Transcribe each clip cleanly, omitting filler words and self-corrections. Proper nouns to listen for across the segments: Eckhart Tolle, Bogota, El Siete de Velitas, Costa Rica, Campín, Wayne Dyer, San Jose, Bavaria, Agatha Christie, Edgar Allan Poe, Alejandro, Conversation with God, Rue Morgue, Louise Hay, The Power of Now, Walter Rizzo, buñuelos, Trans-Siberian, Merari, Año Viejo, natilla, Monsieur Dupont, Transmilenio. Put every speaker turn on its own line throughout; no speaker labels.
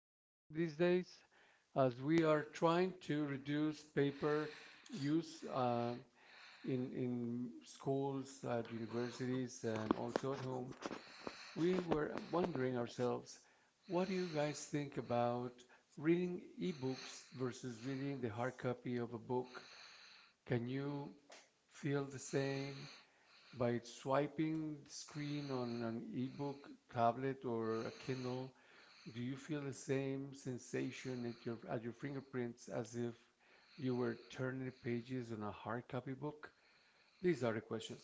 topic these days as we are trying to reduce paper use in schools, at universities, and also at home. We were wondering ourselves what do you guys think about reading ebooks versus reading the hard copy of a book? Can you feel the same? By swiping the screen on an ebook, tablet, or a Kindle, do you feel the same sensation at your fingerprints as if you were turning pages on a hard copy book? These are the questions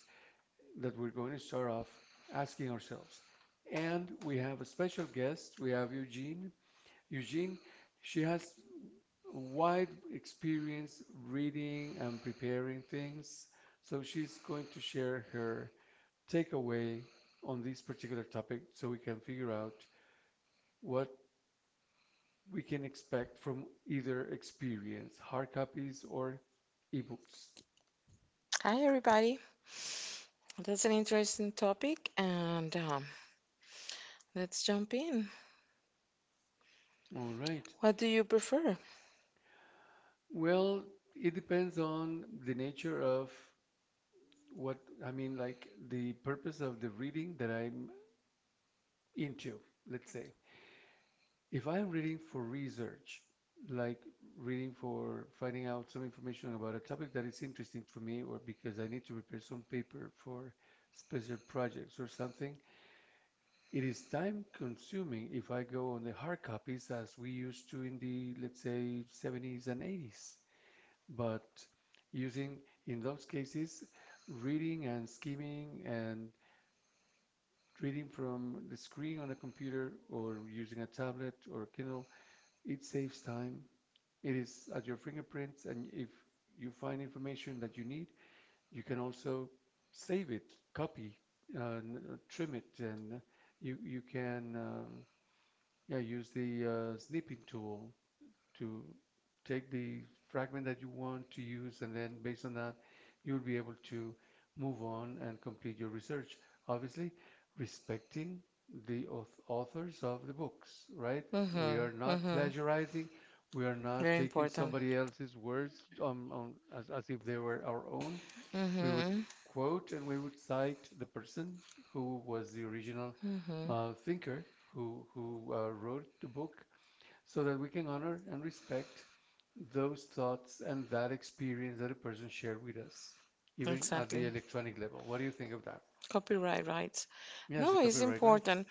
that we're going to start off asking ourselves. And we have a special guest. We have Eugene. Eugene, she has wide experience reading and preparing things, so she's going to share her takeaway on this particular topic so we can figure out what we can expect from either experience, hard copies or ebooks.
Hi, everybody. That's an interesting topic, and let's jump in.
All right.
What do you prefer?
Well, it depends on the nature of what I mean, like the purpose of the reading that I'm into, let's say. If I am reading for research, like reading for finding out some information about a topic that is interesting for me, or because I need to prepare some paper for special projects or something, it is time consuming if I go on the hard copies as we used to in the, let's say, 70s and 80s. But using, in those cases, reading and skimming and reading from the screen on a computer or using a tablet or Kindle, it saves time. It is at your fingerprints, and if you find information that you need, you can also save it, copy, uh, trim it, and you can yeah, use the snipping tool to take the fragment that you want to use, and then based on that, you'll be able to move on and complete your research. Obviously, respecting the authors of the books, right? We
Mm-hmm.
are not
Mm-hmm.
plagiarizing. We are not
Very
taking
important.
somebody else's words as if they were our own. We would
Mm-hmm.
quote and we would cite the person who was the original
Mm-hmm.
thinker who wrote the book so that we can honor and respect those thoughts and that experience that a person shared with us, even at
Exactly.
the electronic level. What do you think of that?
Copyright rights.
Yes, the
No, it's
copyright rights.
important.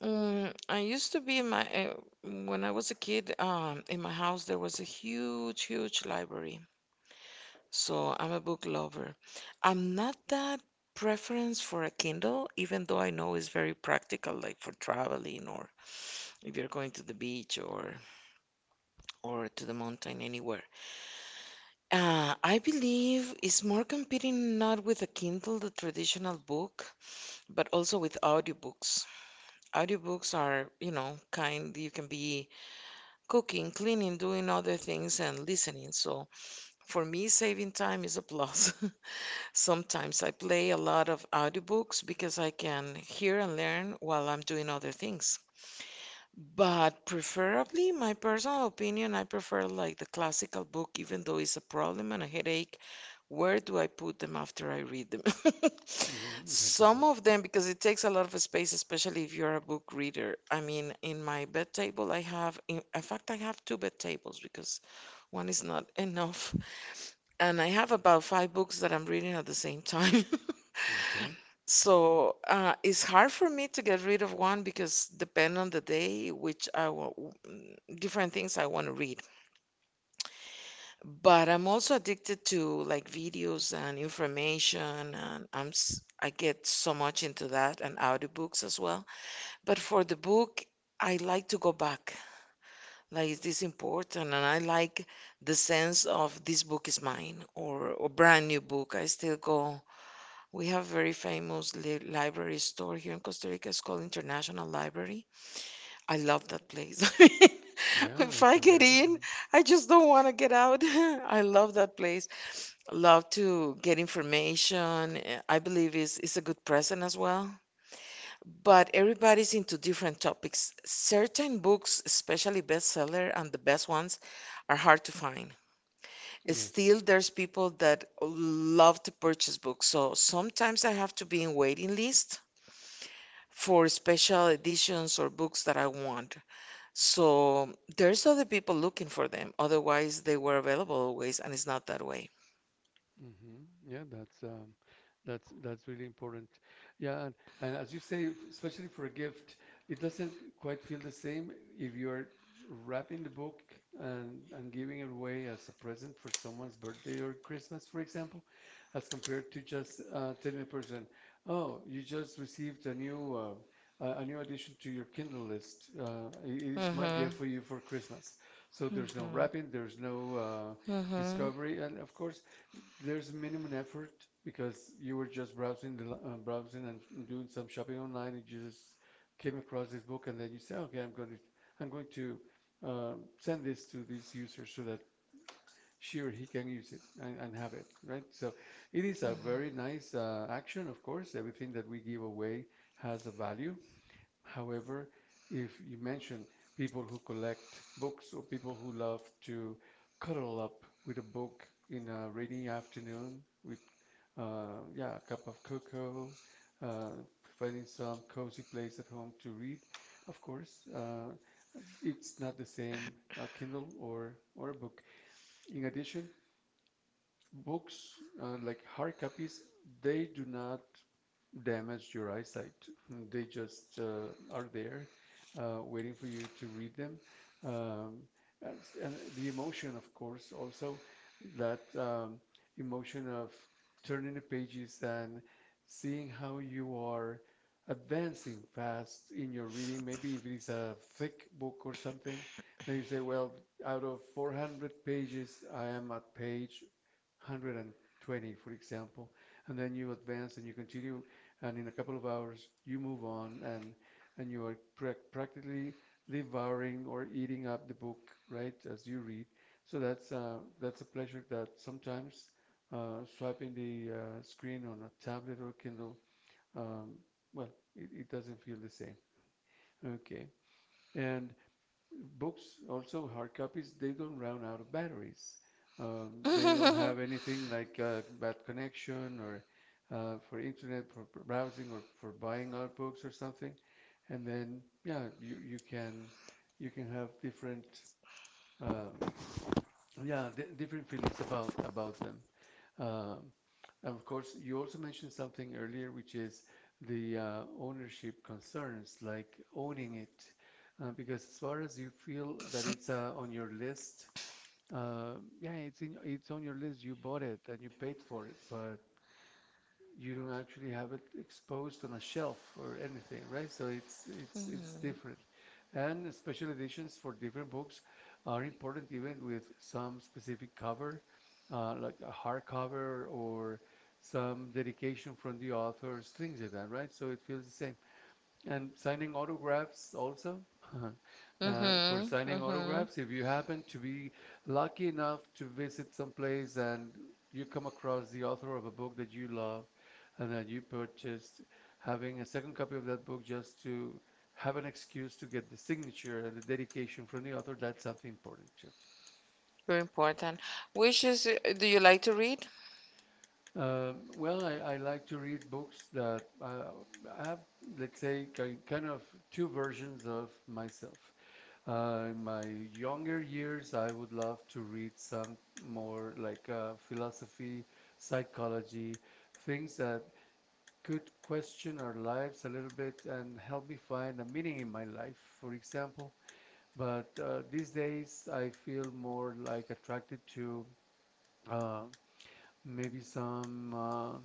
I used to be in my when I was a kid. In my house there was a huge library. So I'm a book lover. I'm not that preference for a Kindle, even though I know it's very practical, like for traveling, or if you're going to the beach, or to the mountain anywhere. I believe it's more competing not with a Kindle, the traditional book, but also with audiobooks. Audiobooks are, you know, kind you can be cooking, cleaning, doing other things and listening. So for me, saving time is a plus. Sometimes I play a lot of audiobooks because I can hear and learn while I'm doing other things. But preferably, my personal opinion, I prefer like the classical book, even though it's a problem and a headache. Where do I put them after I read them?
Hmm, that's a
Some
one.
of them, because it takes a lot of space, especially if you're a book reader. I mean, in my bed table, I have, in fact, I have two bed tables because one is not enough. And I have about five books that I'm reading at the same time.
Okay.
So it's hard for me to get rid of one because depend on the day, which I want different things I want to read. But I'm also addicted to like videos and information, and I get so much into that and audiobooks as well. But for the book, I like to go back like is this important, and I like the sense of this book is mine or a brand new book. I still go, we have a very famous library store here in Costa Rica. It's called International Library. I love that place. I
Yeah,
mean, if
that's
I
a
get
very good
in,
one.
I just don't want to get out. I love that place. Love to get information. I believe it's a good present as well, but everybody's into different topics. Certain books, especially bestseller and the best ones, are hard to find.
Yes.
Still, there's people that love to purchase books. So sometimes I have to be in waiting list for special editions or books that I want. So there's other people looking for them. Otherwise, they were available always, and it's not that way.
Mm-hmm. Yeah, that's that's really important. Yeah, and as you say, especially for a gift, it doesn't quite feel the same if you're wrapping the book and giving it away as a present for someone's birthday or Christmas, for example, as compared to just telling a person, "Oh, you just received a new a new addition to your Kindle list. It is my
Mhm.
gift for you for Christmas." So there's no wrapping, there's no
Mhm. Mhm.
discovery, and of course there's minimum effort because you were just browsing the browsing and doing some shopping online and you just came across this book and then you say, okay, I'm going to send this to this user so that she or he can use it, and have it, right? So it is a very nice action. Of course, everything that we give away has a value. However, if you mention people who collect books or people who love to cuddle up with a book in a rainy afternoon with yeah, a cup of cocoa, uh, finding some cozy place at home to read. Of course, it's not the same a Kindle or a book. In addition, books like hard copies, they do not damaged your eyesight. They just are there, waiting for you to read them. Um, and, and the emotion, of course, also that emotion of turning the pages and seeing how you are advancing fast in your reading. Maybe if it is a thick book or something, then you say, well, out of 400 pages, I am at page 120, for example, and then you advance and you continue, and in a couple of hours you move on and you are practically devouring or eating up the book, right, as you read. So that's a pleasure that sometimes swiping the screen on a tablet or Kindle, um, well, it doesn't feel the same. Okay, and books also hard copies they don't run out of batteries. They don't have anything like bad connection or for internet for browsing or for buying out books or something, and then yeah, you can have different um, yeah, different feelings about them. um, and of course, you also mentioned something earlier, which is the ownership concerns, like owning it. Because as far as you feel that it's on your list, uh, yeah, it's on your list. You bought it and you paid for it, but you don't actually have it exposed on a shelf or anything, right? So it's different. And special editions for different books are important even with some specific cover, like a hardcover or some dedication from the authors, things like that, right? So it feels the same. And signing autographs also,
Mm-hmm,
for signing autographs, if
mm-hmm.
you happen to be lucky enough to visit someplace and you come across the author of a book that you love and that you purchased, having a second copy of that book just to have an excuse to get the signature and the dedication from the author, that's something important too.
Very important. Which is, do you like to read?
Well, I like to read books that have let's say, kind of two versions of myself. In my younger years, I would love to read some more like philosophy, psychology, things that could question our lives a little bit and help me find a meaning in my life, for example. But these days, I feel more like attracted to uh, maybe some.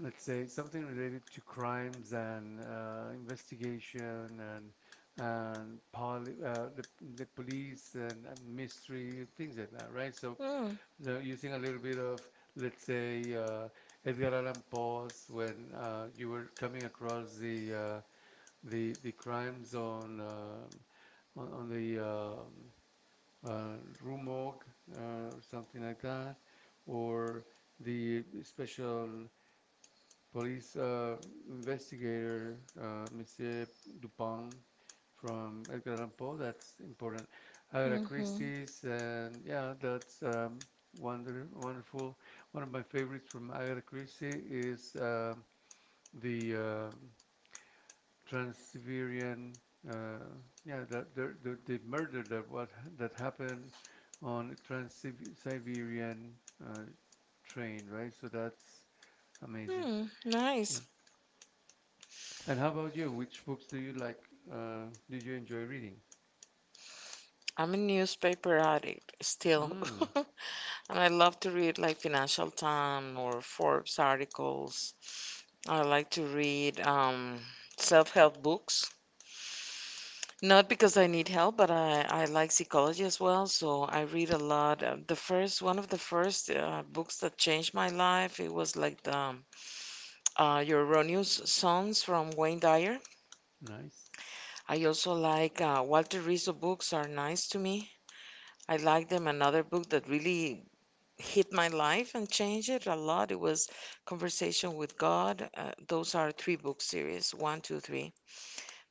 Let's say something related to crimes and investigation and poli the police and mystery and things like that, right? So,
Mm,
so using a little bit of, let's say, Edgar Allan Poe's, when you were coming across the crimes on on the uh, Rue Morgue or something like that, or the special Police investigator Monsieur Dupont from Edgar Allan Poe. That's important. Agatha Christie's, and yeah, that's wonderful. One of my favorites from Agatha Christie is the Trans-Siberian. Uh, yeah, the murder that what that happened on Trans-Siberian uh, train, right? So that's amazing.
mm,
Yeah.
nice.
And how about you? Which books do you like? Do you enjoy reading?
I'm a newspaper addict still.
Mm,
And I love to read like Financial Times or Forbes articles. I like to read self-help books. Not because I need help, but I like psychology as well, so I read a lot. The first one of the first books that changed my life, it was like the Your Erroneous Songs from Wayne Dyer.
nice.
I also like Walter Rizzo books are nice to me. I like them. Another book that really hit my life and changed it a lot, it was Conversation with God. Those are three book series, one, two, three.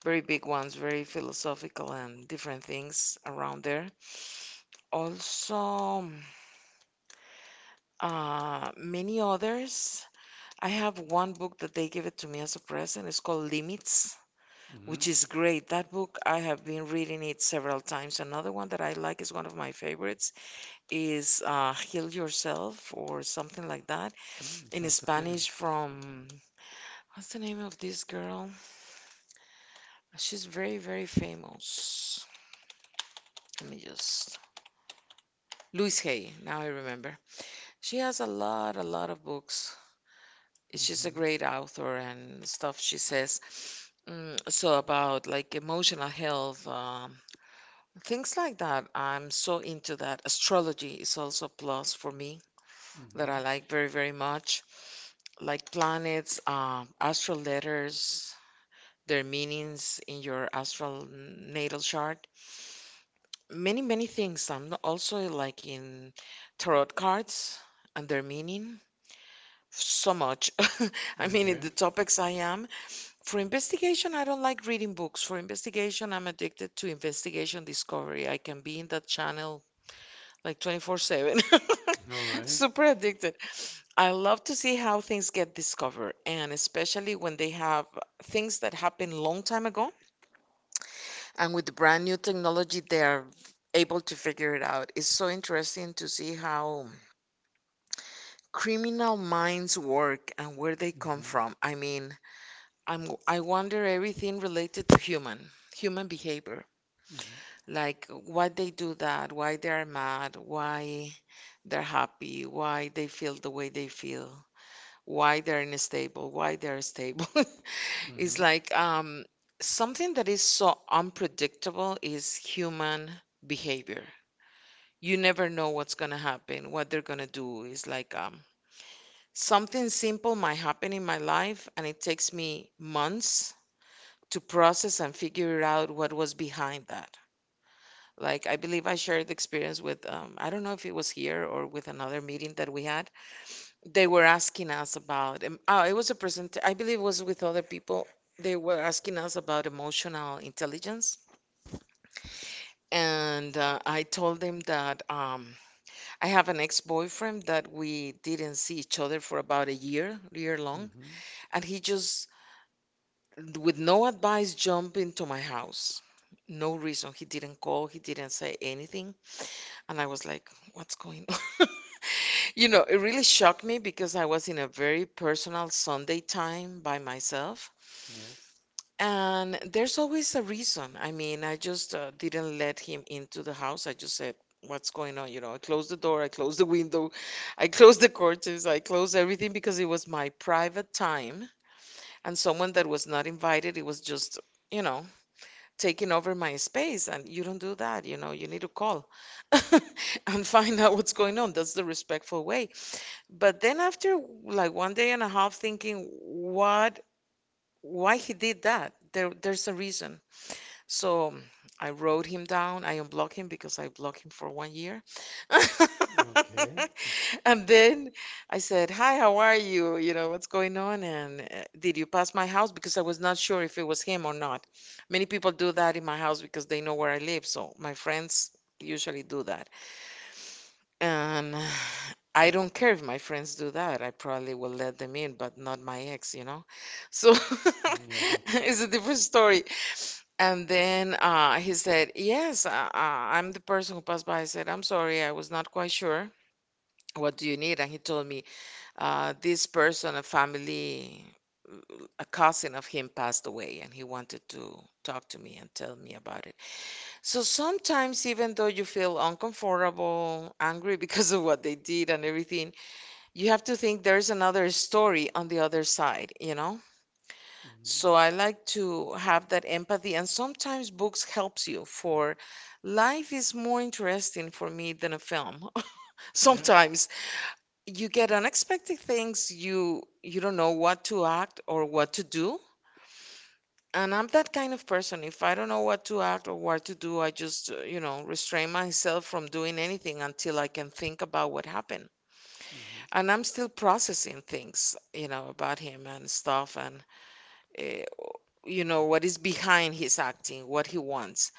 Very big ones, very philosophical and different things around there. Also, many others. I have one book that they give it to me as a present. It's called Limits, which
Mm-hmm.
is great. That book, I have been reading it several times. Another one that I like is one of my favorites is Heal Yourself or something like that
Mm,
in
sounds appealing.
Spanish from what's the name of this girl? She's very famous. Let me just, Louise Hay, now I remember. She has a lot of books. She's a
Mm-hmm.
great author and stuff she says. Mm, so about like emotional health, things like that. I'm so into that. Astrology is also a plus for me that I
Mm-hmm.
like very much. Like planets, astral letters, their meanings in your astral natal chart. Many things. I'm not- Also like in tarot cards and their meaning. So much. I mean, in
Okay.
the topics I am. For investigation, I don't like reading books. For investigation, I'm addicted to investigation discovery. I can be in that channel like 24/7.
All right.
Super addicted. I love to see how things get discovered, and especially when they have things that happened long time ago. And with the brand new technology, they are able to figure it out. It's so interesting to see how criminal minds work and where they come
Mm-hmm.
from. I mean, I wonder everything related to human behavior,
Mm-hmm.
like why they do that, why they are mad, why they're happy, why they feel the way they feel, why they're unstable, why they're stable. It's
Mm-hmm.
like something that is so unpredictable is human behavior. You never know what's going to happen, what they're going to do. Is like something simple might happen in my life, and it takes me months to process and figure out what was behind that. Like, I believe I shared the experience with, I don't know if it was here or with another meeting that we had. They were asking us about, oh, it was a present, I believe it was with other people. They were asking us about emotional intelligence. And I told them that I have an ex-boyfriend that we didn't see each other for about a year, year long, and he just, with no advice, jumped into my house. No reason. He didn't call, he didn't say anything, and I was like, what's going on? You know, it really shocked me because I was in a very personal Sunday time by myself.
Yes.
And there's always a reason. I mean, I just didn't let him into the house. I just said, what's going on? You know, I closed the door, I closed the window, I closed the curtains, I closed everything because it was my private time. And someone that was not invited, it was just, you know, taking over my space. And you don't do that, you know, you need to call and find out what's going on. That's the respectful way. But then after like one day and a half thinking, what, why he did that? There's a reason, so mm, I wrote him down. I unblocked him because I blocked him for 1 year. And then I said, hi, how are you? You know, what's going on? And did you pass my house? Because I was not sure if it was him or not. Many people do that in my house because they know where I live. So my friends usually do that. And I don't care if my friends do that. I probably will let them in, but not my ex, you know? So
Yeah.
it's a different story. And then he said, yes, I'm the person who passed by. I said, I'm sorry, I was not quite sure. What do you need? And he told me, this person, a family, a cousin of him passed away, and he wanted to talk to me and tell me about it. So sometimes, even though you feel uncomfortable, angry because of what they did and everything, you have to think there's another story on the other side, you know?
Mm-hmm.
So I like to have that empathy, and sometimes books helps you. For life is more interesting for me than a film. Sometimes you get unexpected things. You don't know what to act or what to do. And I'm that kind of person. If I don't know what to act or what to do, I just, you know, restrain myself from doing anything until I can think about what happened.
Mm-hmm.
And I'm still processing things, you know, about him and stuff. And. Eh, you know, what is behind his acting, what he wants.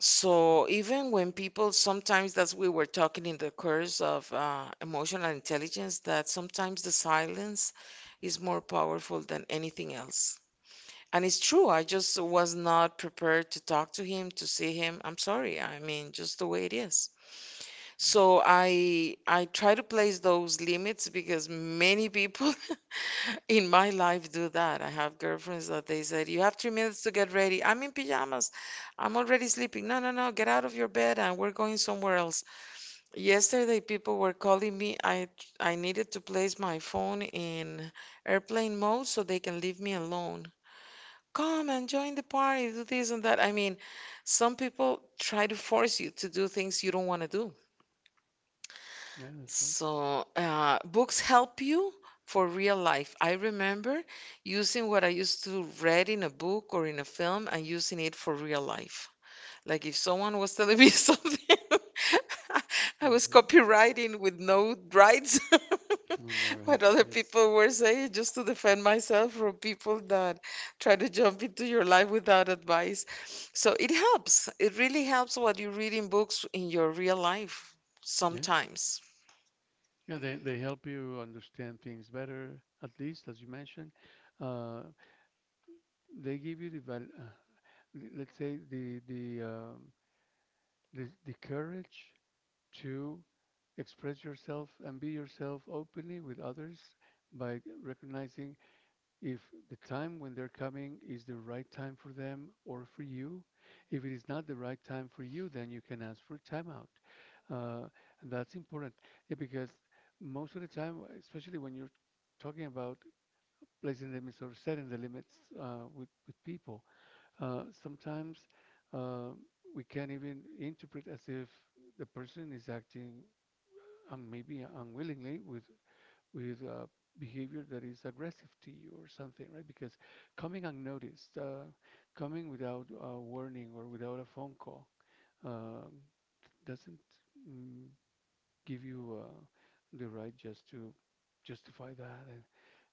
So even when people sometimes, that's we were talking in the course of emotional intelligence, that sometimes the silence is more powerful than anything else. And it's true, I just was not prepared to talk to him, to see him. I'm sorry. I mean, just the way it is. So I try to place those limits because many people in my life do that. I have girlfriends that they said, "You have 3 minutes to get ready. I'm in pajamas. I'm already sleeping. No, no, no, get out of your bed and we're going somewhere else." Yesterday, people were calling me. I needed to place my phone in airplane mode so they can leave me alone. Come and join the party, do this and that. I mean, some people try to force you to do things you don't want to.
Yeah, that's…
So, books help you for real life. I remember using what I used to read in a book or in a film and using it for real life. Like if someone was telling me something, I was copywriting with no rights
We know.
what other people were saying just to defend myself from people that try to jump into your life without advice. So it helps. It really helps what you read in books in your real life sometimes.
Yeah, they help you understand things better, at least as you mentioned. Uh, they give you the let's say the the courage to express yourself and be yourself openly with others by recognizing if the time when they're coming is the right time for them or for you. If it is not the right time for you, then you can ask for a timeout. Uh, and that's important, yeah, because most of the time, especially when you're talking about placing limits or setting the limits with people, sometimes uh, we can even interpret as if the person is acting maybe unwillingly with behavior that is aggressive to you or something, right? Because coming unnoticed, coming without a warning or without a phone call, um, doesn't mm, give you the right just to justify that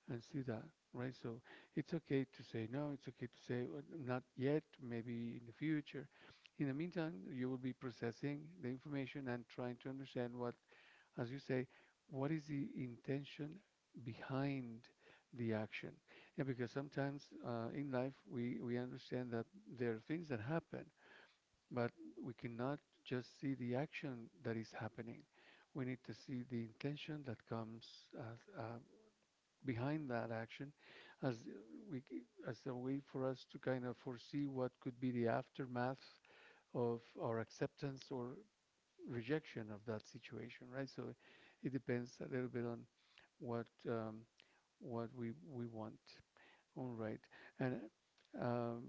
and see that, right? So it's okay to say no, it's okay to say, "Well, not yet, maybe in the future." In the meantime, you will be processing the information and trying to understand what, as you say, what is the intention behind the action? Yeah, because sometimes in life we understand that there are things that happen, but we cannot just see the action that is happening. We need to see the intention that comes as, behind that action, as we, as a way for us to kind of foresee what could be the aftermath of our acceptance or rejection of that situation, right? So it depends a little bit on what, what we want. All right, and um,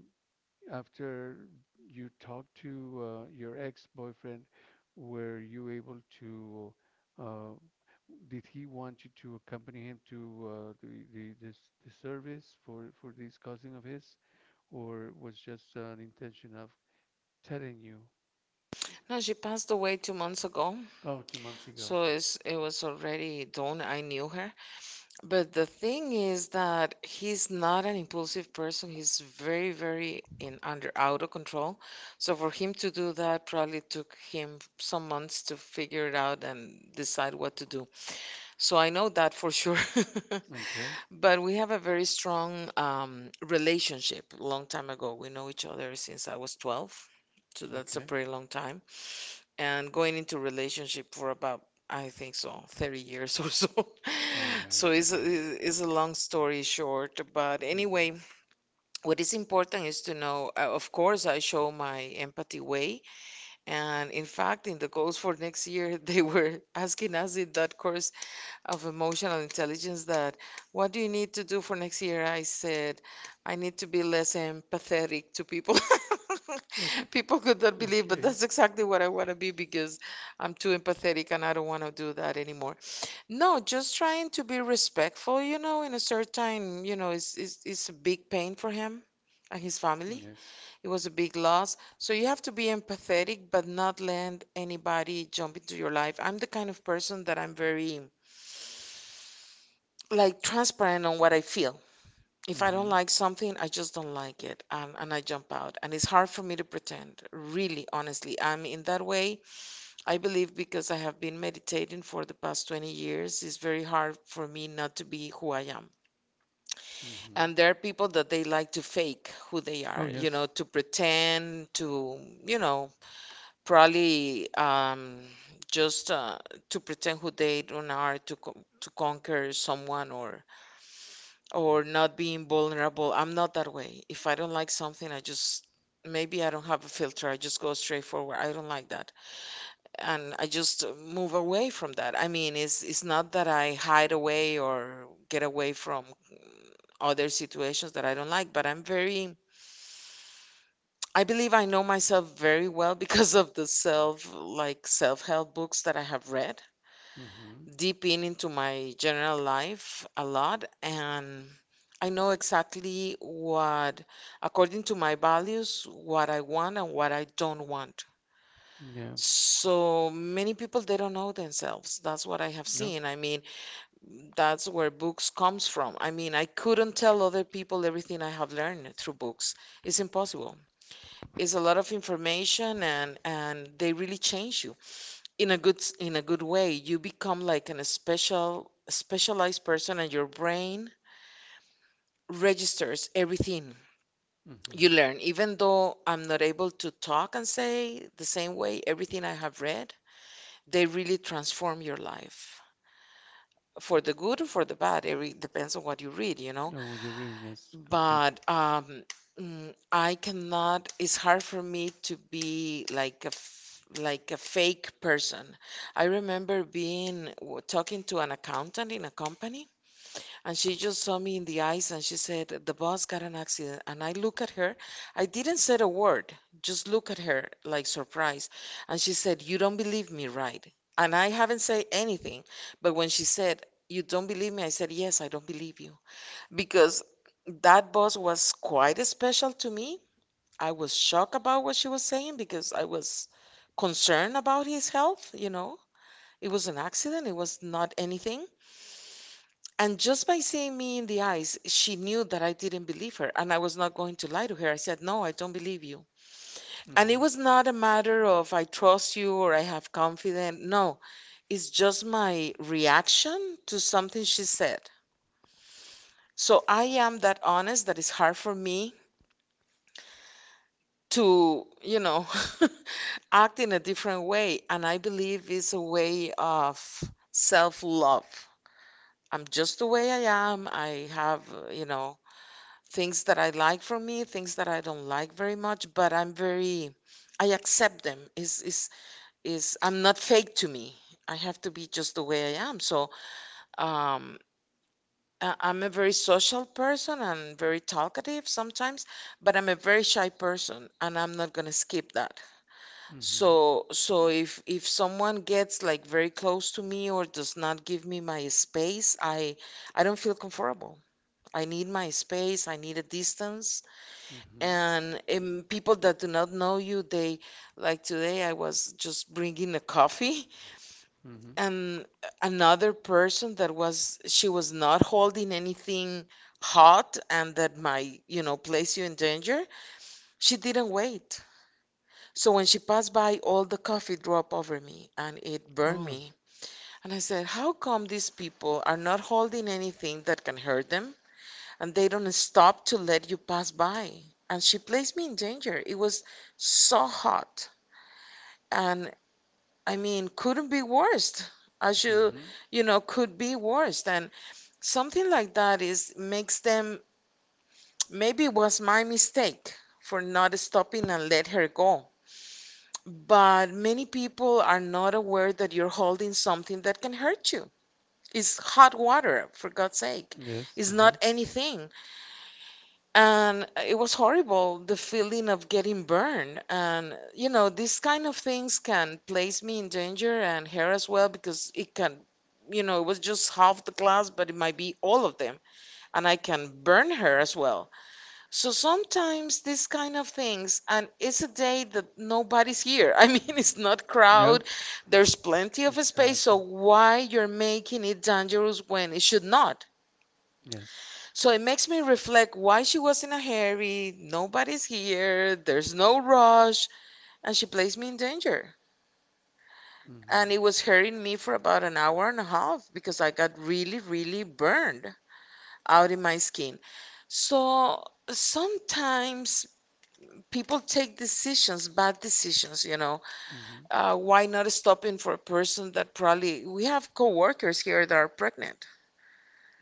after you talked to your ex-boyfriend, were you able to? Uh, did he want you to accompany him to the this the service for this cousin of his, or was just an intention of telling you?
No, she passed away 2 months ago. Oh,
Oh, two
2 months
months
ago.
ago.
So it was already done. I knew her. But the thing is that he's not an impulsive person. He's very, very in under out of control. So for him to do that probably took him some months to figure it out and decide what to do. So I know that for sure.
Okay,
But we have a very strong relationship. Long time ago, we know each other since I was 12. So that's a
okay.
pretty long time and going into relationship for about I think so 30 years or so.
All
So
right,
it's a,
yes.
it's a long story short, but
Mm-hmm.
anyway, what is important is to know, of course, I show my empathy way, and in fact, in the goals for next year, they were asking us in that course of emotional intelligence that what do you need to do for next year? I said, I need to be less empathetic to people.
Okay,
People could not believe, but
okay.
that's exactly what I want to be because I'm too empathetic and I don't want to do that anymore. No, just trying to be respectful, in a certain, it's a big pain for him and his family.
Yes.
It was a big loss. So you have to be empathetic, but not let anybody jump into your life. I'm the kind of person that I'm very like transparent on what I feel. If I don't
Mm-hmm.
like something, I just don't like it and I jump out. And it's hard for me to pretend, really, honestly. I'm in that way. I believe because I have been meditating for the past 20 years, it's very hard for me not to be who I am.
Mm-hmm.
And there are people that they like to fake who they
Oh,
are, you
yes.
know, to pretend to, you know, probably just to pretend who they don't are to to conquer someone or not being vulnerable. I'm not that way. If I don't like something, I just maybe I don't have a filter. I just go straight forward. I don't like that, and I just move away from that. I mean, it's not that I hide away or get away from other situations that I don't like, but I believe I know myself very well because of the self-help books that I have read
Mm-hmm.
deep in into my general life a lot, and I know exactly what, according to my values, what I want and what I don't want.
Yeah.
So many people, they don't know themselves. That's what I have
No.
seen. I mean, that's where books comes from. I mean, I couldn't tell other people everything I have learned through books. It's impossible. It's a lot of information, and they really change you in a good way. You become like a specialized person, and your brain registers everything
Mm-hmm.
you learn. Even though I'm not able to talk and say the same way everything I have read, they really transform your life for the good or for the bad. It depends on what you read.
Oh, what you're reading, yes, completely.
But I cannot, it's hard for me to be like a fake person. I remember being talking to an accountant in a company, and she just saw me in the eyes and she said, "The boss got an accident." And I look at her. I didn't say a word, just look at her like surprised. And she said, "You don't believe me, right?" And I haven't said anything, but when she said, "You don't believe me," I said, "Yes, I don't believe you," because that boss was quite special to me. I was shocked about what she was saying because I was concerned about his health. It was an accident, it was not anything. And just by seeing me in the eyes, she knew that I didn't believe her and I was not going to lie to her. I said, "No, I don't believe you."
Mm-hmm.
And it
Mm-hmm.
was not a matter of I trust you or I have confidence. No, it's just my reaction to something she said. So I am that honest that it's hard for me to act in a different way, and I believe it's a way of self-love. I'm just the way I am. I have things that I like from me, things that I don't like very much, but I accept them, is I'm not fake to me. I have to be just the way I am, so um I'm a very social person and very talkative sometimes, but I'm a very shy person, and I'm not gonna skip that. So, if someone gets like very close to me or does not give me my space, I don't feel comfortable. I need my space, I need a distance.
Mm-hmm.
And, people that do not know you, they, like today I was just bringing a coffee,
Mm-hmm.
and another person that was she was not holding anything hot, and that might, place you in danger. She didn't wait. So when she passed by, all the coffee dropped over me and it burned
Oh.
me. And I said, "How come these people are not holding anything that can hurt them and they don't stop to let you pass by?" And she placed me in danger. It was so hot. And I mean, couldn't be worse. As you, could be worse. And something like that is makes them, maybe it was my mistake for not stopping and let her go. But many people are not aware that you're holding something that can hurt you. It's hot water, for God's sake.
Yes.
It's not anything. And it was horrible, the feeling of getting burned. And, these kind of things can place me in danger, and her as well, because it can, it was just half the class, but it might be all of them. And I can burn her as well. So sometimes these kind of things, and it's a day that nobody's here. I mean, it's not
Crowded.
crowd. There's plenty of space. So why you're making it dangerous when it should not?
Yes.
So it makes me reflect why she was in a hurry. Nobody's here. There's no rush, and she placed me in danger.
Mm-hmm.
And it was hurting me for about an hour and a half because I got really, really burned out in my skin. So sometimes people take decisions, bad decisions.
Mm-hmm.
Why not stopping for a person that probably, we have coworkers here that are pregnant?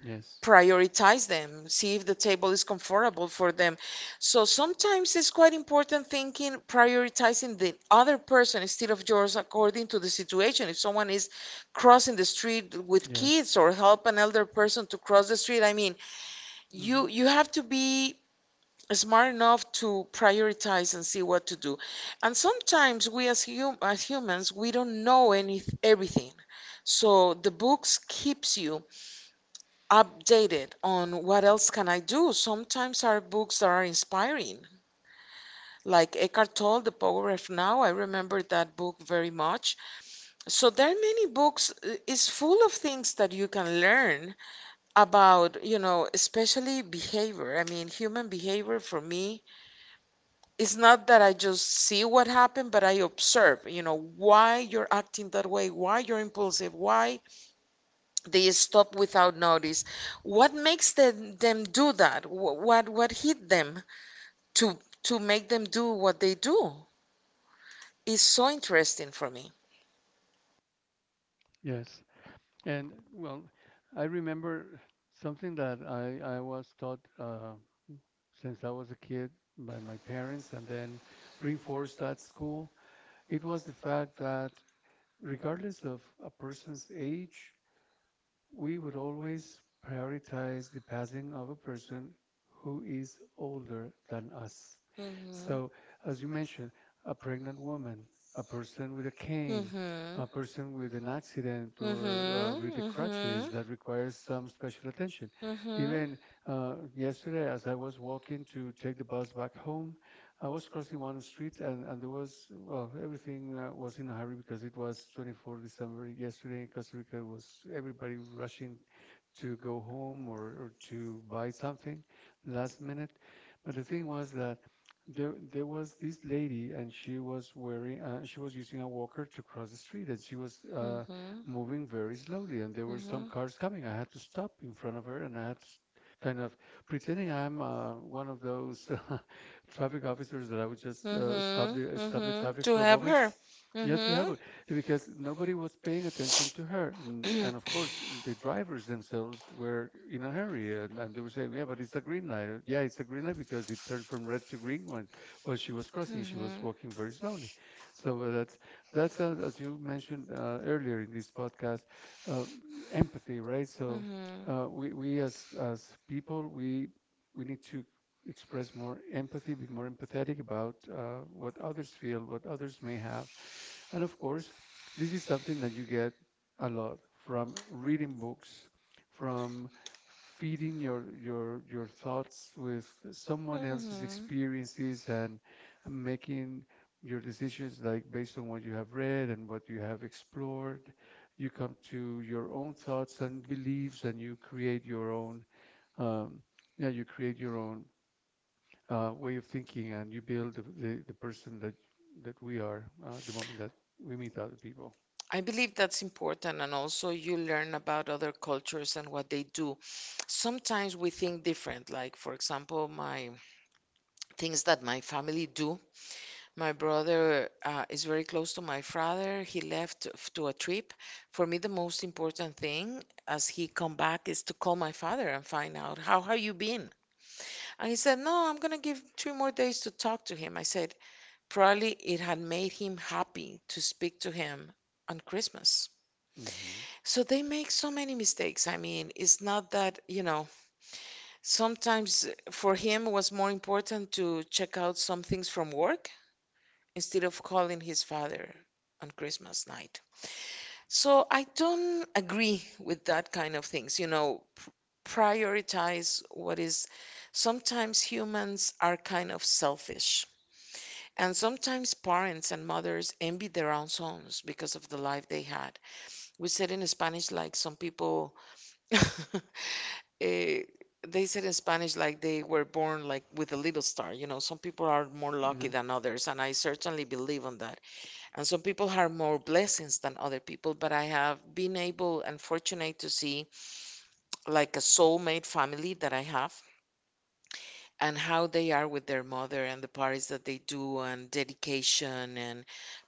Yes.
Prioritize them, see if the table is comfortable for them. So sometimes it's quite important, thinking, prioritizing the other person instead of yours according to the situation. If someone is crossing the street with
Yes.
kids or help an elder person to cross the street, I mean,
Hmm.
you have to be smart enough to prioritize and see what to do. And sometimes we as humans, we don't know any everything. So the books keeps you updated on what else can I do. Sometimes our books are inspiring, like Eckhart Tolle, The Power of Now. I remember that book very much. So there are many books. It's full of things that you can learn about, especially behavior. I mean, human behavior, for me it's not that I just see what happened, but I observe, why you're acting that way, why you're impulsive, why they stop without notice, what makes them do that, what hit them to to make them do what they do, is so interesting for me.
Yes, and well, I remember something that I was taught since I was a kid by my parents and then reinforced at school. It was the fact that regardless of a person's age, we would always prioritize the passing of a person who is older than us.
Hmm.
So, as you mentioned, a pregnant woman, a person with a cane,
Hmm.
a person with an accident or with the
Hmm. Hmm.
crutches that requires some special attention.
Hmm. Hmm.
Even yesterday, as I was walking to take the bus back home, I was crossing one street and there was, well, everything was in a hurry because it was December 24th yesterday in Costa Rica. It was everybody rushing to go home or to buy something last minute. But the thing was that there was this lady and she was wearing she was using a walker to cross the street and she was moving very slowly and there were some cars coming. I had to stop in front of her and I had to kind of pretending I'm one of those traffic officers that I would just
Hmm.
stop the
Hmm.
traffic
To
for a
help
moment.
her.
You have to help
Hmm.
her because nobody was paying attention to her. And of course, the drivers themselves were in a hurry and they were saying, "Yeah, but it's a green light." Yeah, it's a green light because it turned from red to green while she was crossing. She was walking
Mm-hmm.
very slowly. So that's as you mentioned earlier in this podcast, uh, empathy, right? So
Mm-hmm.
we as as people, we need to express more empathy, be more empathetic about what others feel, what others may have, and of course, this is something that you get a lot from reading books, from feeding your thoughts with someone else's
Mm-hmm.
experiences and making your decisions like based on what you have read and what you have explored. You come to your own thoughts and beliefs and you create your own um, yeah, you create your own way of thinking and you build the person that we are the moment that we meet other people.
I believe that's important, and also you learn about other cultures and what they do. Sometimes we think different, like, for example, my things that my family do. My brother is very close to my father. He left to a trip. For me, the most important thing as he come back is to call my father and find out, how have you been? And he said, "No, I'm gonna give 3 more days to talk to him." I said, "Probably it had made him happy to speak to him on Christmas."
Hmm.
So they make so many mistakes. I mean, it's not that, sometimes for him it was more important to check out some things from work instead of calling his father on Christmas night. So I don't agree with that kind of things, you know, prioritize what is sometimes humans are kind of selfish. And sometimes parents and mothers envy their own sons because of the life they had. We said in Spanish, like some people, eh, they said in Spanish, like they were born like with a little star. You know, some people are more lucky
Yeah.
than others, and I certainly believe on that. And some people have more blessings than other people, but I have been able and fortunate to see like a soulmate family that I have and how they are with their mother and the parties that they do and dedication and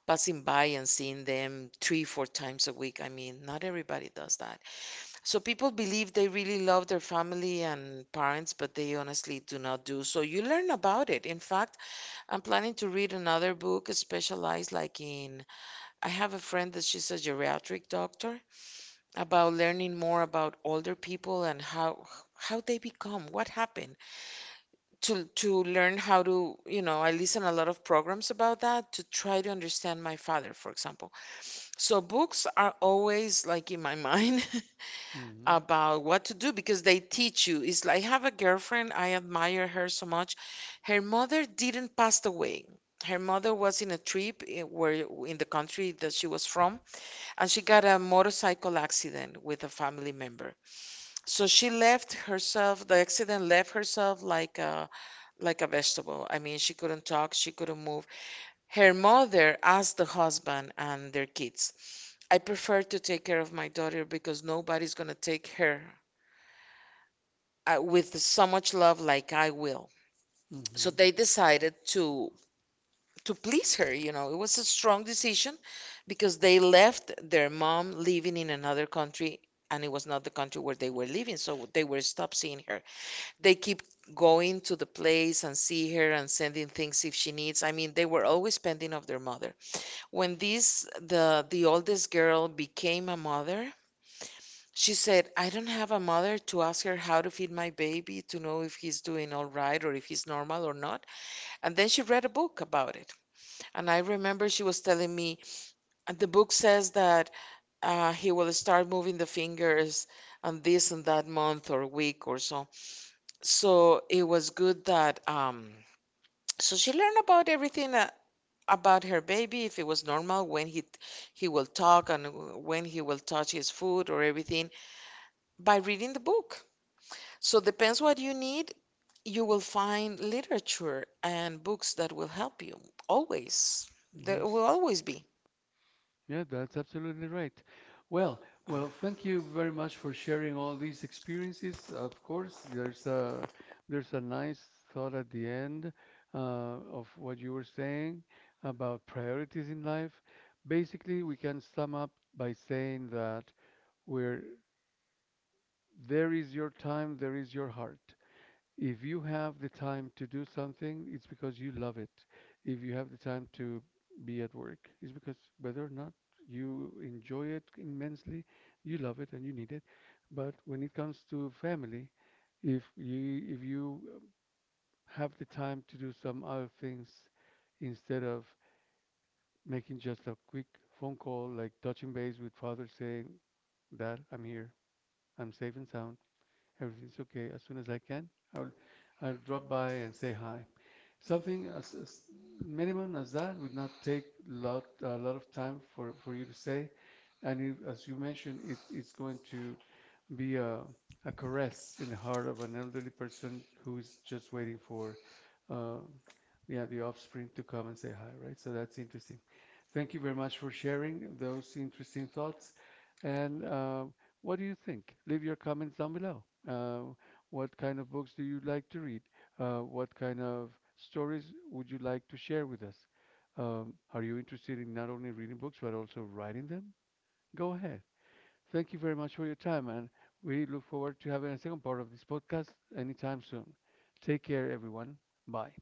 passing by and seeing them 3 or 4 times a week. I mean, not everybody does that. So people believe they really love their family and parents, but they honestly do not do. So you learn about it. In fact, I'm planning to read another book specialized like in, I have a friend that she's a geriatric doctor, about learning more about older people and how they become, what happened, to learn how to, you know, I listen a lot of programs about that to try to understand my father, for example. So books are always like in my mind.
Hmm.
About what to do, because they teach you. It's like I have a girlfriend, I admire her so much. Her mother didn't pass away. Her mother was in a trip, where in the country that she was from, and she got a motorcycle accident with a family member. So she left herself, the accident left herself like a vegetable. I mean, she couldn't talk, she couldn't move. Her mother asked the husband and their kids, I prefer to take care of my daughter because nobody's going to take her with so much love like I will.
So.
So
Hmm.
they decided to please her, you know. It was a strong decision because they left their mom living in another country, and it was not the country where they were living, so they were stopped seeing her. They keep going to the place and see her and sending things if she needs. I mean, they were always pending of their mother. When this the oldest girl became a mother, she said, "I don't have a mother to ask her how to feed my baby, to know if he's doing all right or if he's normal or not." And then she read a book about it. And I remember she was telling me, and the book says that he will start moving the fingers on this and that month or week or so. So it was good that so she learned about everything about her baby, if it was normal, when he will talk and when he will touch his food or everything, by reading the book. So depends what you need, you will find literature and books that will help you always. There
Yes.
will always be
Yeah, that's absolutely right. Well, well, thank you very much for sharing all these experiences. Of course, there's a nice thought at the end uh, of what you were saying about priorities in life. Basically, we can sum up by saying that where there is your time, there is your heart. If you have the time to do something, it's because you love it. If you have the time to be at work, it's because whether or not you enjoy it immensely, you love it and you need it. But when it comes to family, if you if you have the time to do some other things instead of making just a quick phone call, like touching base with father saying, "Dad, I'm here. I'm safe and sound. Everything's okay. As soon as I can, I'll I'll drop by and say hi," something as minimum as that would not take lot of time for you to say, and if, as you mentioned, it is going to be a caress in the heart of an elderly person who's just waiting for, uh, yeah, the offspring to come and say hi, right? So that's interesting. Thank you very much for sharing those interesting thoughts. And what do you think? Leave your comments down below. What kind of books do you like to read? What kind of stories would you like to share with us? Are you interested in not only reading books but also writing them? Go ahead. Thank you very much for your time, and we look forward to having a second part of this podcast anytime soon. Take care, everyone. Bye.